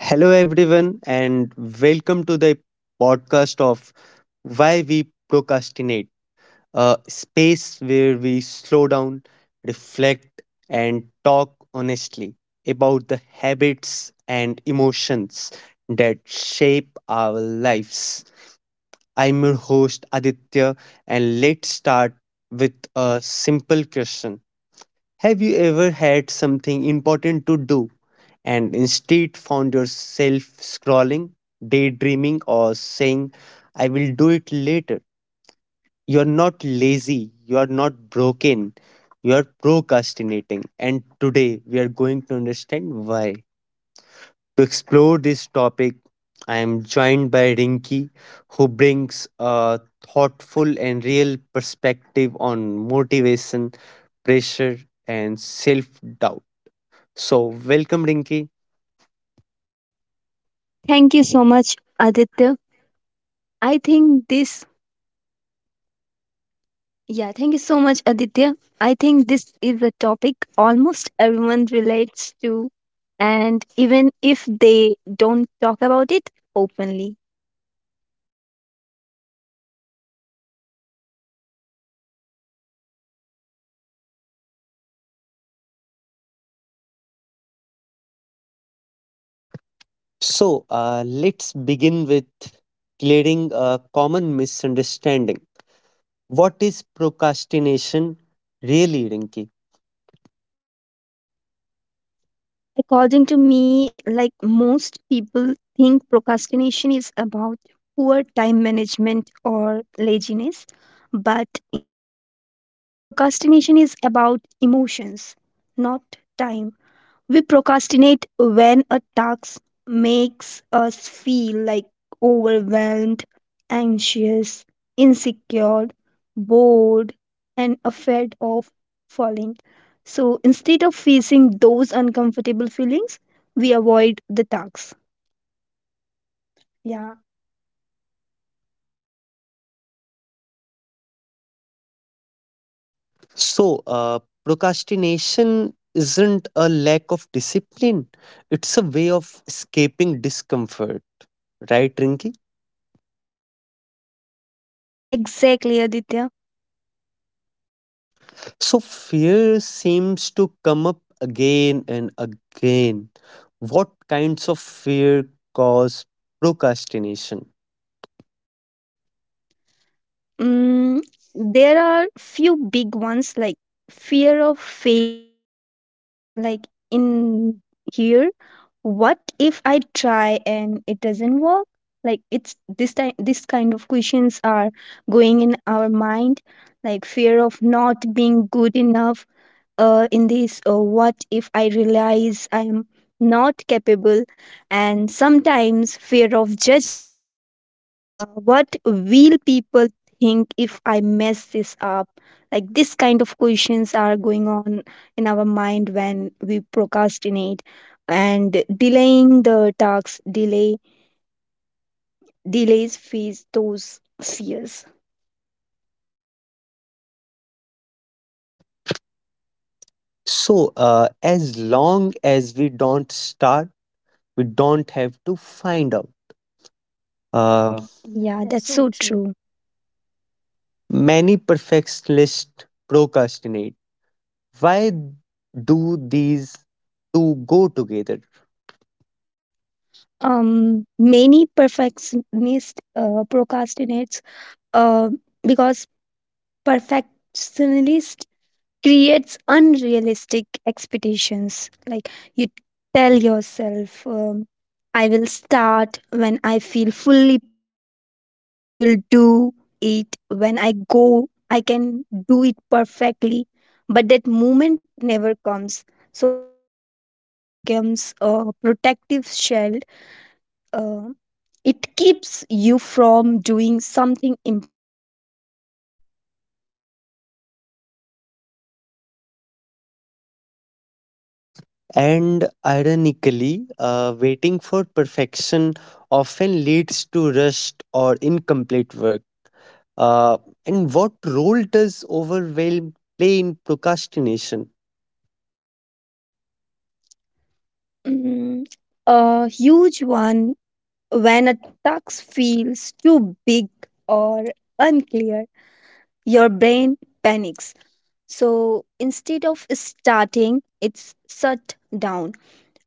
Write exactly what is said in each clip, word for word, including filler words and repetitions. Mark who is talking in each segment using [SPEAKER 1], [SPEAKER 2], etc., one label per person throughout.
[SPEAKER 1] Hello, everyone, and welcome to the podcast of Why We Procrastinate, a space where we slow down, reflect, and talk honestly about the habits and emotions that shape our lives. I'm your host, Aditya, and let's start with a simple question. Have you ever had something important to do and instead found yourself scrolling, daydreaming, or saying, I will do it later? You're not lazy, you're not broken, you're procrastinating. And today we are going to understand why. To explore this topic, I am joined by Rinki, who brings a thoughtful and real perspective on motivation, pressure, and self doubt. So, welcome, Rinki.
[SPEAKER 2] Thank you so much, Aditya. I think this, yeah, thank you so much, Aditya. I think this is a topic almost everyone relates to, and even if they don't talk about it openly.
[SPEAKER 1] So, uh, let's begin with clearing a common misunderstanding. What is procrastination really, Rinki?
[SPEAKER 2] According to me, like, most people think procrastination is about poor time management or laziness, but in reality, procrastination is about emotions, not time. We procrastinate when a task makes us feel like overwhelmed, anxious, insecure, bored, and afraid of falling. So instead of facing those uncomfortable feelings, we avoid the task. Yeah,
[SPEAKER 1] So, uh, procrastination isn't a lack of discipline, it's a way of escaping discomfort, right, Rinki?
[SPEAKER 2] exactly, Aditya.
[SPEAKER 1] So, fear seems to come up again and again. What kinds of fear cause procrastination?
[SPEAKER 2] Mm, there are few big ones like fear of failure, like in here, what if I try and it doesn't work? Like, it's this time this kind of questions are going in our mind, like fear of not being good enough. Uh, in this, uh, what if I realize I'm not capable? And sometimes fear of judgment, uh, what will people think if I mess this up? Like, this kind of questions are going on in our mind when we procrastinate, and delaying the tasks delay delays face those fears.
[SPEAKER 1] So, uh, as long as we don't start, we don't have to find out. Uh, Yeah,
[SPEAKER 2] Yeah,
[SPEAKER 1] that's
[SPEAKER 2] that's
[SPEAKER 1] so
[SPEAKER 2] so
[SPEAKER 1] true.
[SPEAKER 2] true.
[SPEAKER 1] Many perfectionists procrastinate. Why do these two go together?
[SPEAKER 2] Um many perfectionists uh, procrastinates, uh, because perfectionists creates unrealistic expectations. Like, you tell yourself, um, I will start when I feel fully prepared. I will do it when I go. I can do it perfectly. But that moment never comes. So procrastination becomes a protective shield. Uh, it keeps you from doing something imperfect.
[SPEAKER 1] And ironically, uh, waiting for perfection often leads to rushed or incomplete work. Uh, and what role does overwhelm play in procrastination?
[SPEAKER 2] Mm, a huge one. When a task feels too big or unclear, your brain panics. So instead of starting, it's shut down.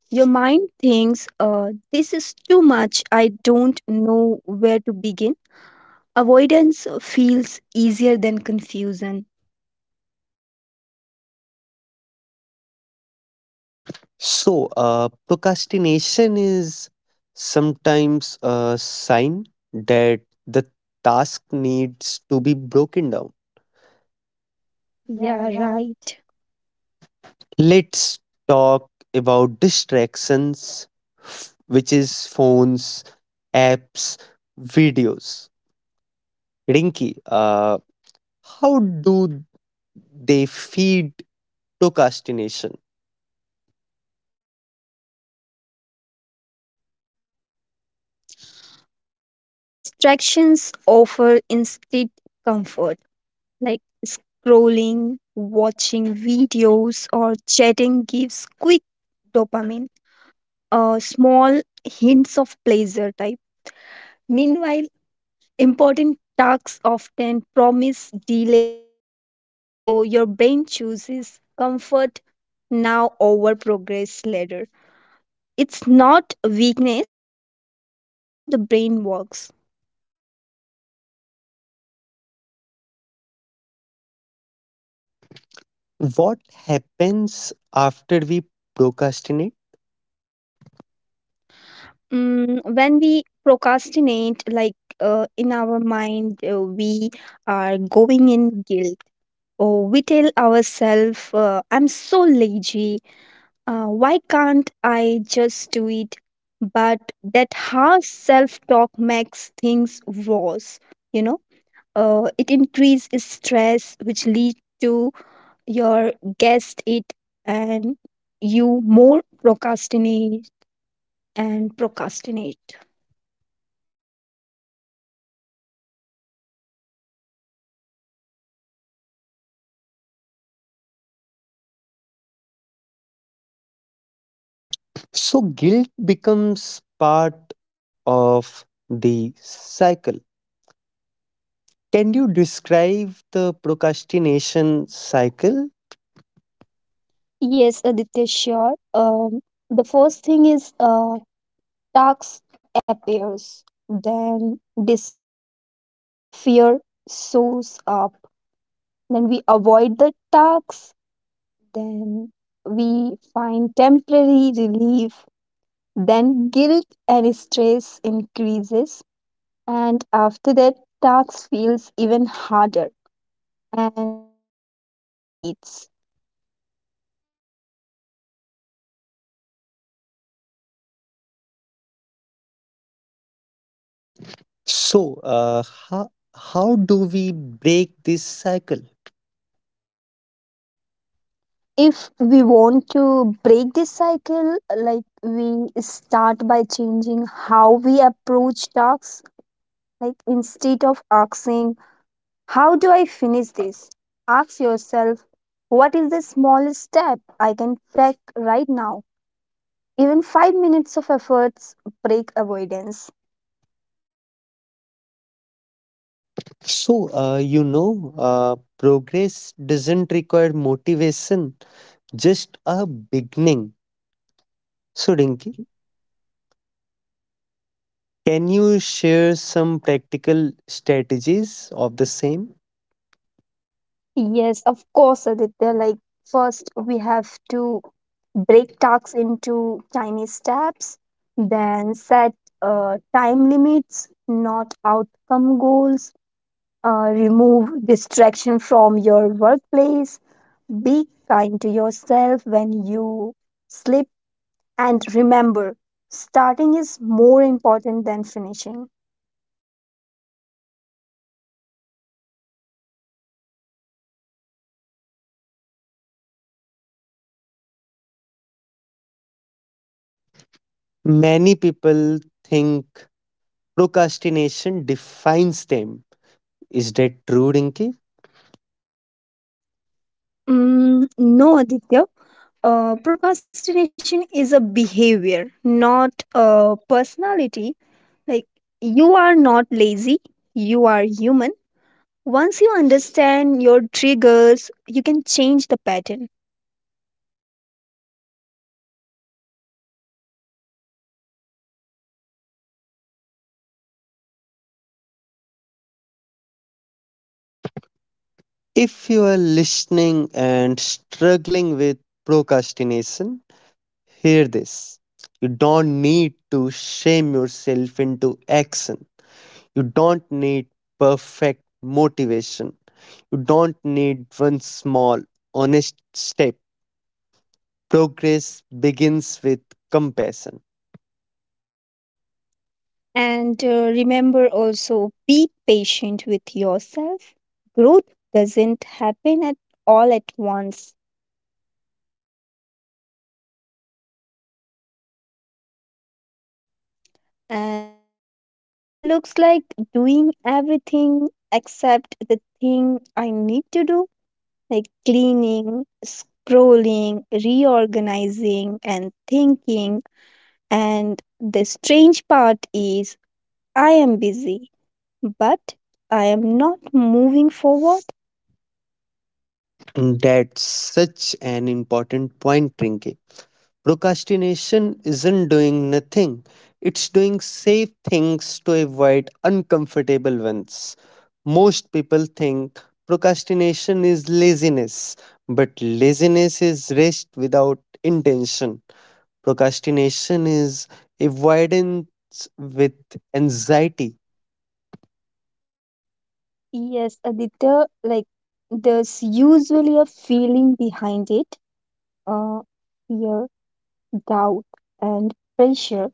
[SPEAKER 2] Your mind thinks, uh, this is too much. I don't know where to begin. Avoidance feels easier than confusion.
[SPEAKER 1] So, uh, procrastination is sometimes a sign that the task needs to be broken down. Yeah,
[SPEAKER 2] Yeah,
[SPEAKER 1] right.
[SPEAKER 2] right.
[SPEAKER 1] Let's talk about distractions, f- which is phones, apps, videos. Rinky, uh, how do they feed procrastination?
[SPEAKER 2] Mm, Distractions offer instant comfort, like scrolling, watching videos, or chatting gives quick dopamine, a small hints of pleasure type. Meanwhile, important tasks often promise delay rewards, so your brain chooses comfort now over progress later. It's not weakness, it's how the brain works.
[SPEAKER 1] What happens after we procrastinate?
[SPEAKER 2] Mm, when we procrastinate, like, uh, in our mind, uh, we are going in guilt. Or we tell ourselves, uh, I'm so lazy. Uh, why can't I just do it? But that harsh self talk makes things worse. You know, uh, it increases stress, which leads to your guessed it, and you more procrastinate and procrastinate.
[SPEAKER 1] So guilt becomes part of the cycle. Can you describe the procrastination cycle?
[SPEAKER 2] Yes, Aditya, sure. Um, the first thing is, uh, task appears, then discomfort or fear shows up. Then we avoid the tax, then we find temporary relief, then guilt and stress increases, and after that, tax feels even harder, and the cycle repeats.
[SPEAKER 1] So, uh, how, how do we break this cycle?
[SPEAKER 2] If we want to break this cycle, like, we start by changing how we approach tasks, like instead of asking how do I finish this, ask yourself what is the smallest step I can take right now. Even five minutes of efforts break avoidance.
[SPEAKER 1] So, uh, you know, uh, progress doesn't require motivation, just a beginning. So, Rinki, can you share some practical strategies of the same?
[SPEAKER 2] Yes, of course, Aditya. Like, first we have to break tasks into tiny steps, then set uh, time limits, not outcome goals, uh, remove distraction from your workplace, be kind to yourself when you sleep, and remember, starting is more important than finishing.
[SPEAKER 1] Many people think procrastination defines them. Is that true, Rinki?
[SPEAKER 2] Mm, no, Aditya. Uh, procrastination is a behavior, not a personality. Like, you are not lazy, you are human. Once you understand your triggers, you can change the pattern.
[SPEAKER 1] If you are listening and struggling with procrastination, hear this. You don't need to shame yourself into action. You don't need perfect motivation. You don't need one small, honest step. Progress begins with compassion.
[SPEAKER 2] And uh, remember, also be patient with yourself. Growth doesn't happen at all at once. And for me, it looks like doing everything except the thing I need to do, like cleaning, scrolling, reorganizing, and thinking. And the strange part is, I am busy, but I am not moving forward.
[SPEAKER 1] And that's such an important point, Rinki. Procrastination isn't doing nothing, it's doing safe things to avoid uncomfortable ones. Most people think procrastination is laziness, but laziness is rest without intention. Procrastination is avoidance with anxiety.
[SPEAKER 2] Yes, Aditya, like there's usually a feeling behind it, uh, fear, doubt, and pressure.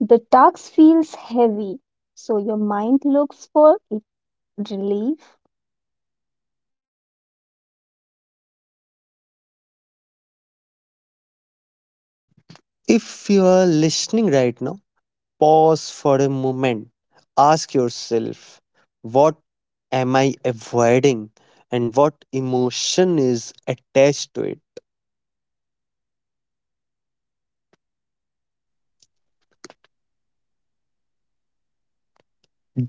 [SPEAKER 2] The task feels heavy, so your mind looks for it- relief.
[SPEAKER 1] If you are listening right now, pause for a moment. Ask yourself, what am I avoiding and what emotion is attached to it?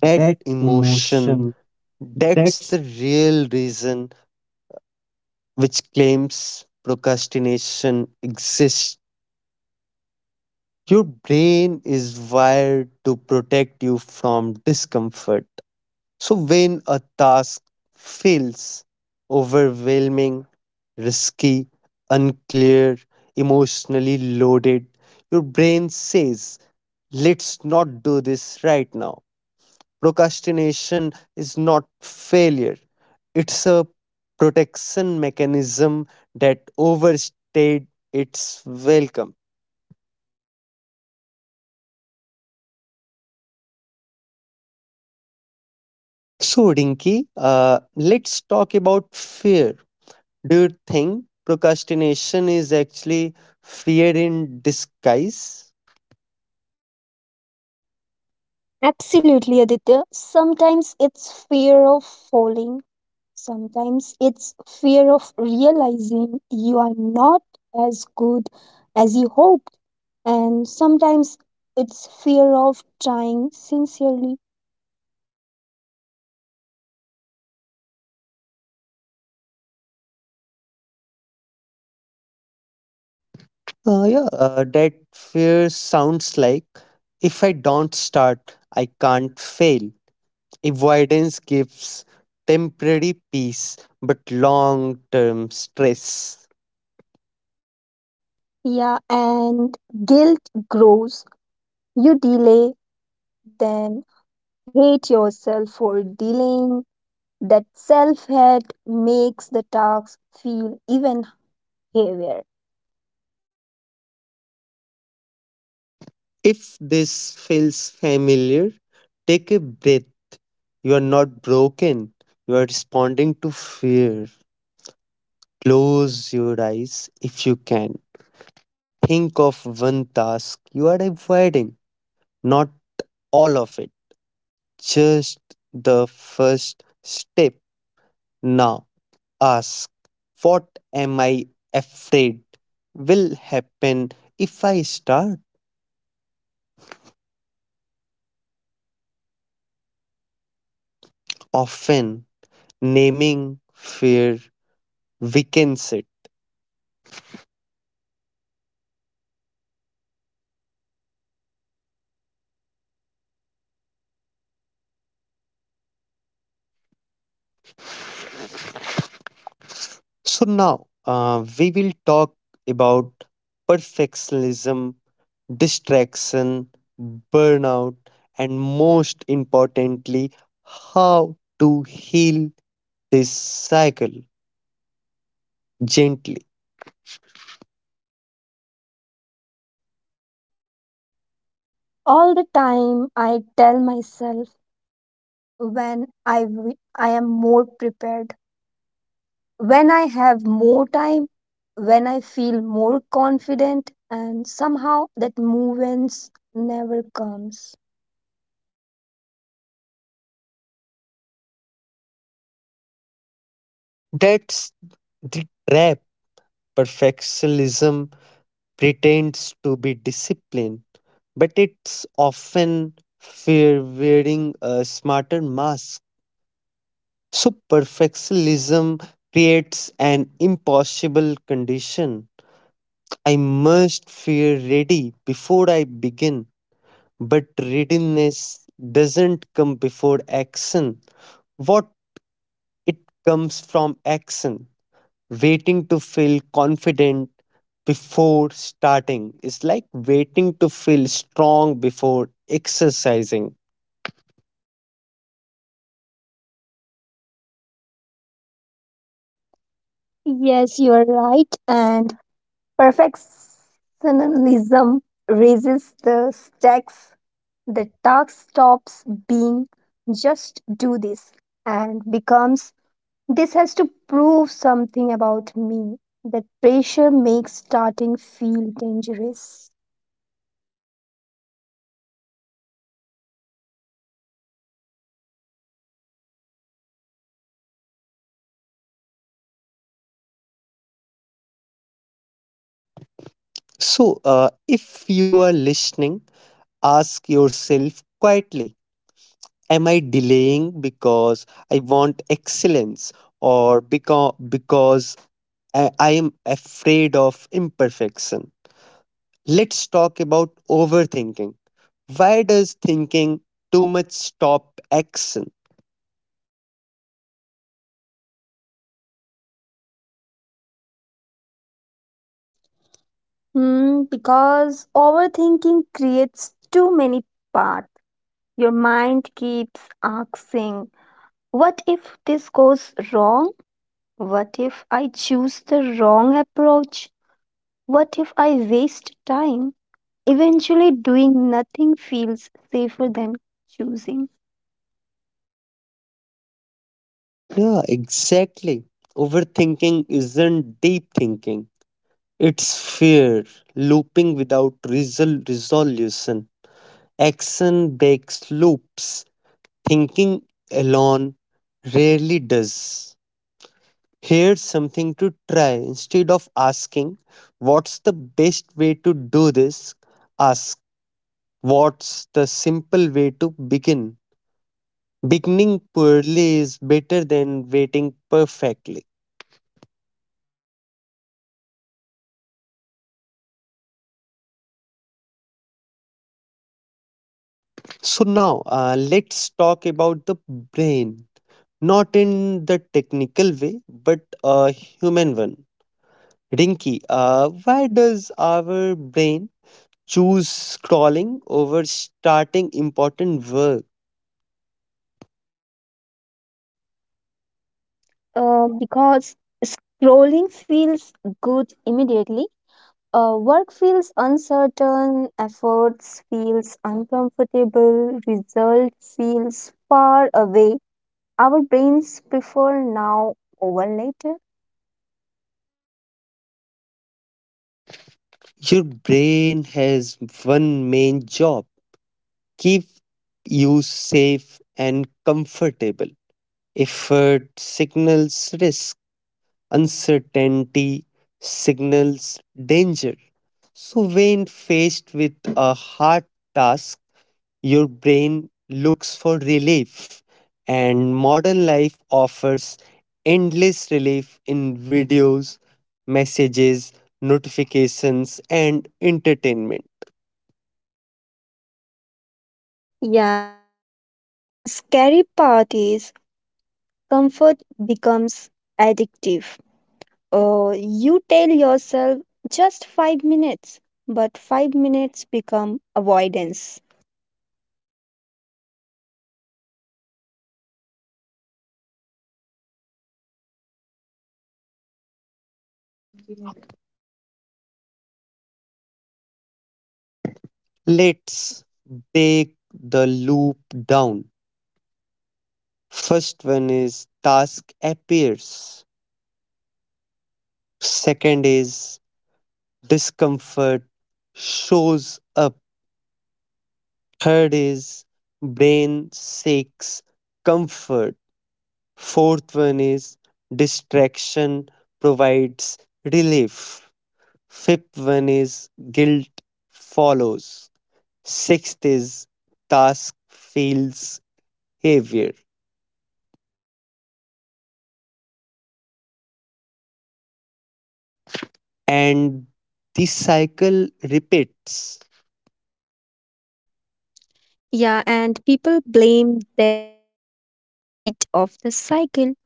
[SPEAKER 1] That emotion, that's the real reason which claims procrastination exists. Your brain is wired to protect you from discomfort. So, when a task feels overwhelming, risky, unclear, emotionally loaded, your brain says, let's not do this right now. Procrastination is not failure, it's a protection mechanism that overstayed its welcome. So, Rinki, uh, let's talk about fear. Do you think procrastination is actually fear in disguise?
[SPEAKER 2] Absolutely, Aditya. Sometimes it's fear of falling, sometimes it's fear of realizing you are not as good as you hoped, and sometimes it's fear of trying sincerely.
[SPEAKER 1] Uh, yeah, uh, that fear sounds like if I don't start, I can't fail. Avoidance gives temporary peace but long term stress.
[SPEAKER 2] Yeah, and guilt grows. You delay, then hate yourself for delaying. That self hate makes the talks feel even heavier.
[SPEAKER 1] If this feels familiar, take a breath. You are not broken, you are responding to fear. Close your eyes if you can. Think of one task you are avoiding, not all of it, just the first step. Now ask, what am I afraid will happen if I start? Often naming fear weakens it. So now uh, we will talk about perfectionism, distraction, burnout, and most importantly, how to heal this cycle gently.
[SPEAKER 2] All the time, I tell myself I will start when I, w- I am more prepared, when I have more time, when I feel more confident, and somehow that movements never comes.
[SPEAKER 1] That's the trap. Perfectionism pretends to be discipline, but it's often fear wearing a smarter mask. So perfectionism creates an impossible condition. I must feel ready before I begin, but readiness doesn't come before action. What it comes from action. Waiting to feel confident before starting is like waiting to feel strong before exercising.
[SPEAKER 2] Yes, you are right. And perfectionism raises the stakes. The task stops being just do this and becomes this has to prove something about me. That pressure makes starting feel dangerous.
[SPEAKER 1] So, uh, if you are listening, ask yourself quietly, am I delaying because I want excellence or because because I, I am afraid of imperfection. Let's talk about overthinking. Why does thinking too much stop action?
[SPEAKER 2] Hmm, because overthinking creates too many paths. Your mind keeps asking, what if this goes wrong? What if I choose the wrong approach? What if I waste time? Eventually, doing nothing feels safer than choosing.
[SPEAKER 1] Yeah, exactly. Overthinking isn't deep thinking, it's fear looping without resol- resolution. Action breaks loops, thinking alone rarely does. Here's something to try. Instead of asking, what's the best way to do this? Ask, what's the simple way to begin? Beginning poorly is better than waiting perfectly. So, now uh, let's talk about the brain. Not in the technical way, but a human one. Rinky, uh, why does our brain choose scrolling over starting important work?
[SPEAKER 2] Uh, because scrolling feels good immediately. Uh, work feels uncertain, efforts feels uncomfortable, result feels far away. Our brains prefer now over later.
[SPEAKER 1] Your brain has one main job, keep you safe and comfortable. Effort signals risk, uncertainty signals danger. So, when faced with a hard task, your brain looks for relief, and modern life offers endless relief in videos, messages, notifications, and entertainment.
[SPEAKER 2] Yeah, and uh, The scary part is comfort becomes addictive. Uh, you tell yourself just five minutes, but five minutes become avoidance.
[SPEAKER 1] Let's break the loop down. First one is task appears. Second is discomfort shows up. Third is brain seeks comfort. Fourth one is distraction provides relief. Fifth one is guilt follows. Sixth is task feels heavier, and this cycle repeats.
[SPEAKER 2] Yeah, and people blame themselves instead of the cycle.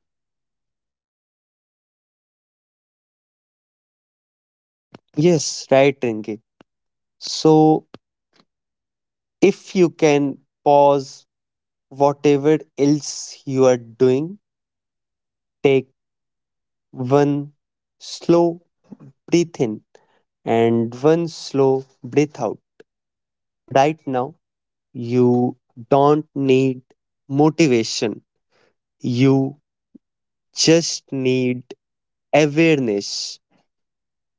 [SPEAKER 1] Yes, right, Rinki. So, if you can pause whatever else you are doing, take one slow breath in and one slow breath out. Right now, you don't need motivation, you just need awareness.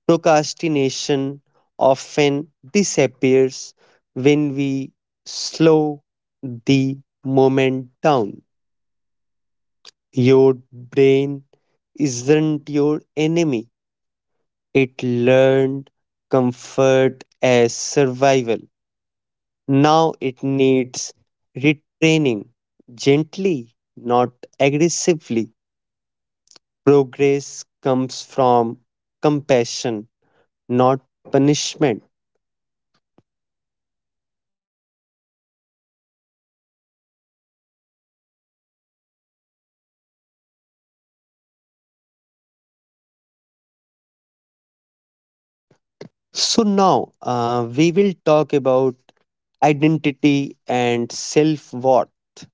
[SPEAKER 1] Procrastination often disappears when we slow the moment down. Your brain isn't your enemy, it learned comfort as survival. Now it needs retraining gently, not aggressively. Progress comes from compassion, not punishment. So now uh, we will talk about identity and self worth,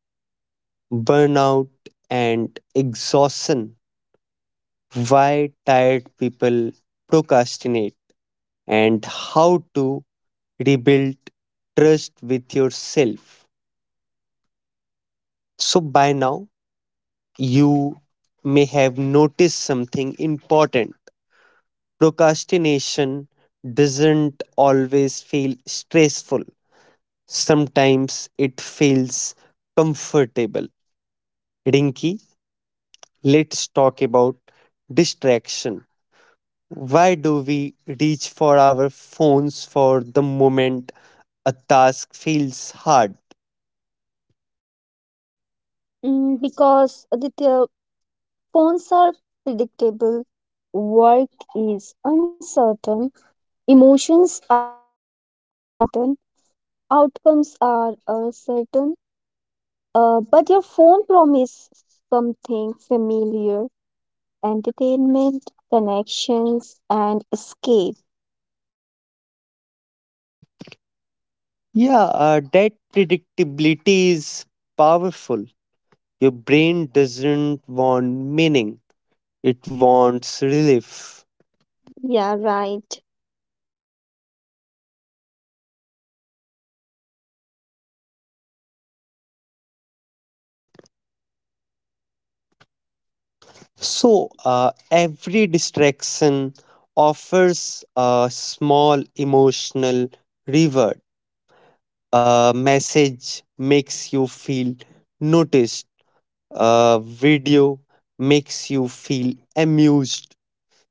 [SPEAKER 1] burnout and exhaustion, why tired people procrastinate, and how to rebuild trust with yourself. So by now you may have noticed something important. Procrastination doesn't always feel stressful. Sometimes it feels comfortable. Rinky, let's talk about distraction. Why do we reach for our phones for the moment a task feels hard?
[SPEAKER 2] Mm, because the the phones are predictable, work is uncertain, emotions are uncertain, outcomes are uncertain. Uh, but your phone promises something familiar: entertainment, connections, and escape.
[SPEAKER 1] Yeah, uh, that predictability is powerful. Your brain doesn't want meaning, it wants relief.
[SPEAKER 2] Yeah, right.
[SPEAKER 1] So, uh, every distraction offers a small emotional reward. A message makes you feel noticed, a video makes you feel amused,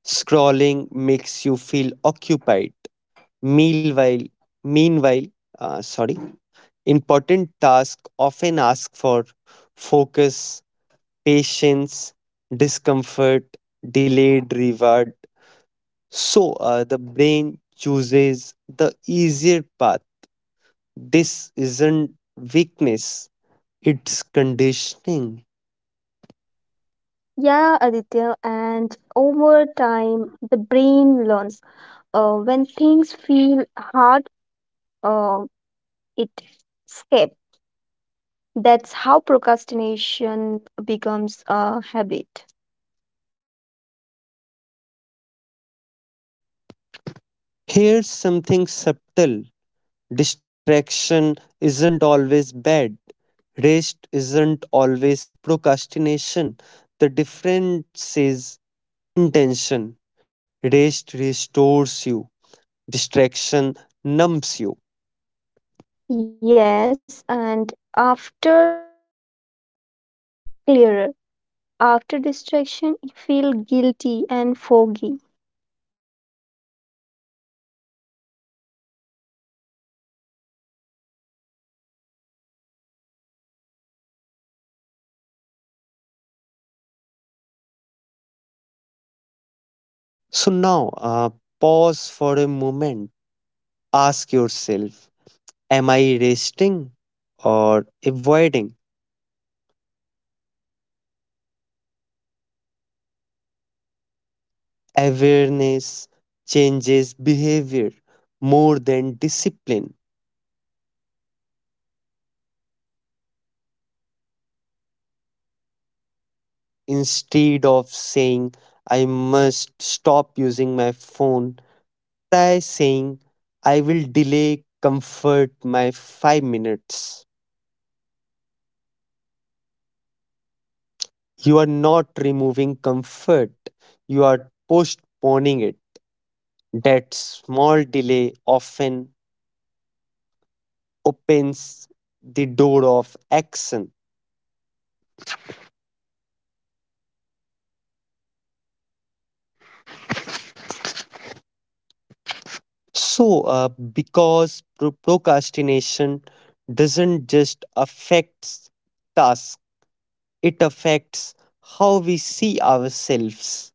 [SPEAKER 1] scrolling makes you feel occupied. Meanwhile, meanwhile, uh, sorry, important tasks often ask for focus, patience, discomfort, delayed reward. So uh, the brain chooses the easier path. This isn't weakness, it's conditioning.
[SPEAKER 2] Yeah, Aditya, and over time, the brain learns. Uh, when things feel hard, uh, it escapes. That's how procrastination becomes a habit.
[SPEAKER 1] Here's something subtle. Distraction isn't always bad, rest isn't always procrastination. The difference is intention. Rest restores you, distraction numbs you.
[SPEAKER 2] Yes, and after rest, you feel clearer. After distraction, you feel guilty and foggy.
[SPEAKER 1] So now uh, pause for a moment, ask yourself, am I resting or avoiding? Awareness changes behavior more than discipline. Instead of saying, I must stop using my phone, I saying, I will delay comfort my five minutes. You are not removing comfort, you are postponing it. That small delay often opens the door of action. So, uh, because pro- procrastination doesn't just affects tasks, it affects how we see ourselves.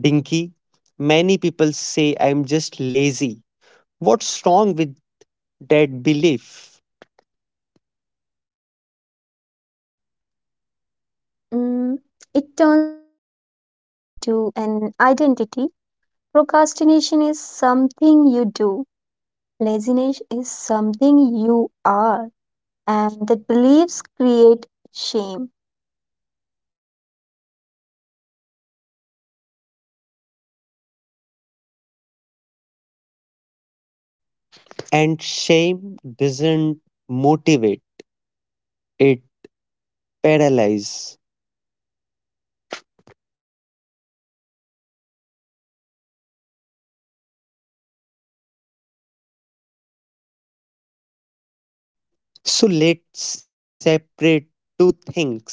[SPEAKER 1] Dinky, many people say I'm just lazy. What's wrong with that belief?
[SPEAKER 2] Mm, it turns a behavior into an identity. Procrastination is something you do. Laziness is something you are, and that beliefs create shame.
[SPEAKER 1] And shame doesn't motivate, it paralyzes. So let's separate two things.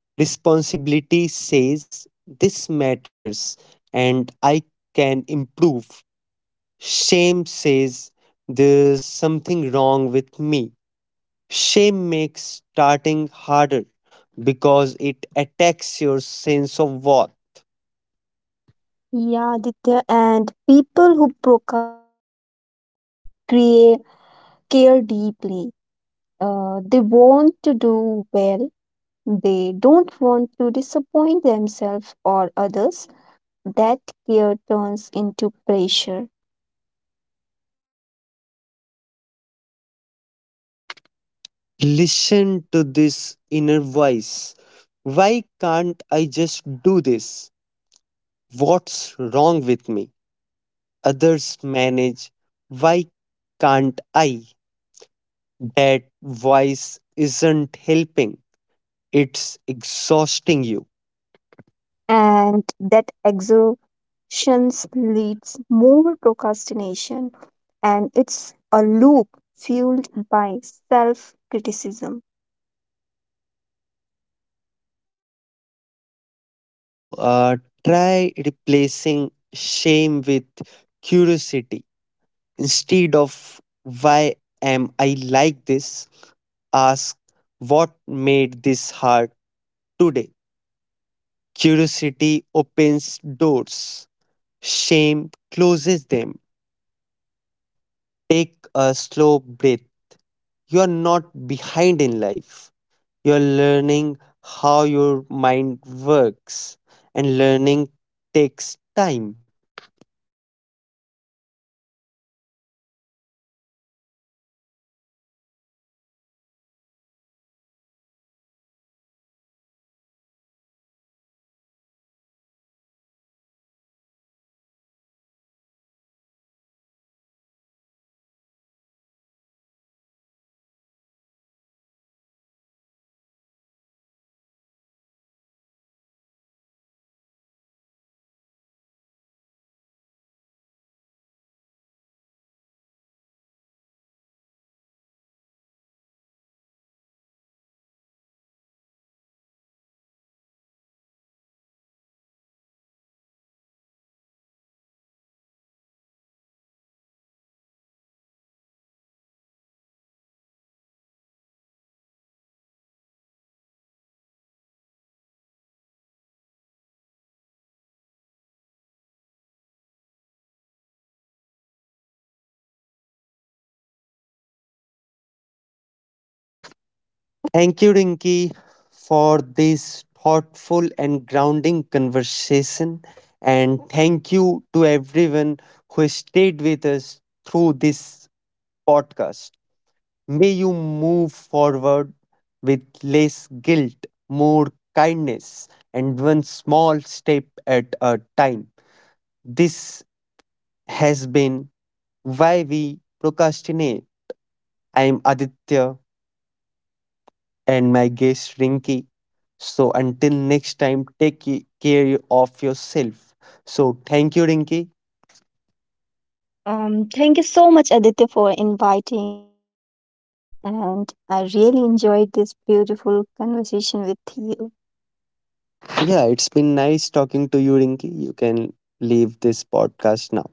[SPEAKER 1] Responsibility says this matters and I can improve. Shame says there's something wrong with me. Shame makes starting harder because it attacks your sense of worth.
[SPEAKER 2] Yeah, Aditya, and people who procrastinate often create, care deeply. Uh, they want to do well, they don't want to disappoint themselves or others. That care turns into pressure.
[SPEAKER 1] Listen to this inner voice. Why can't I just do this? What's wrong with me? Others manage. Why can't I? That voice isn't helping, it's exhausting you.
[SPEAKER 2] And that exhaustion leads more procrastination, and it's a loop fueled by self criticism.
[SPEAKER 1] So, uh, try replacing shame with curiosity. Instead of why am I like this, ask what made this hard today. Curiosity opens doors, shame closes them. Take a slow breath. You are not behind in life. You're learning how your mind works, and learning takes time. Thank you, Rinki, for this thoughtful and grounding conversation. And thank you to everyone who stayed with us through this podcast. May you move forward with less guilt, more kindness, and one small step at a time. This has been Why We Procrastinate. I'm Aditya and my guest Rinki. So until next time, take ca- care of yourself. So thank you, Rinki.
[SPEAKER 2] Um, thank you so much, Aditya, for inviting me here, and I really enjoyed this beautiful conversation with you.
[SPEAKER 1] Yeah, it's been nice talking to you, Rinki. You can leave this podcast now.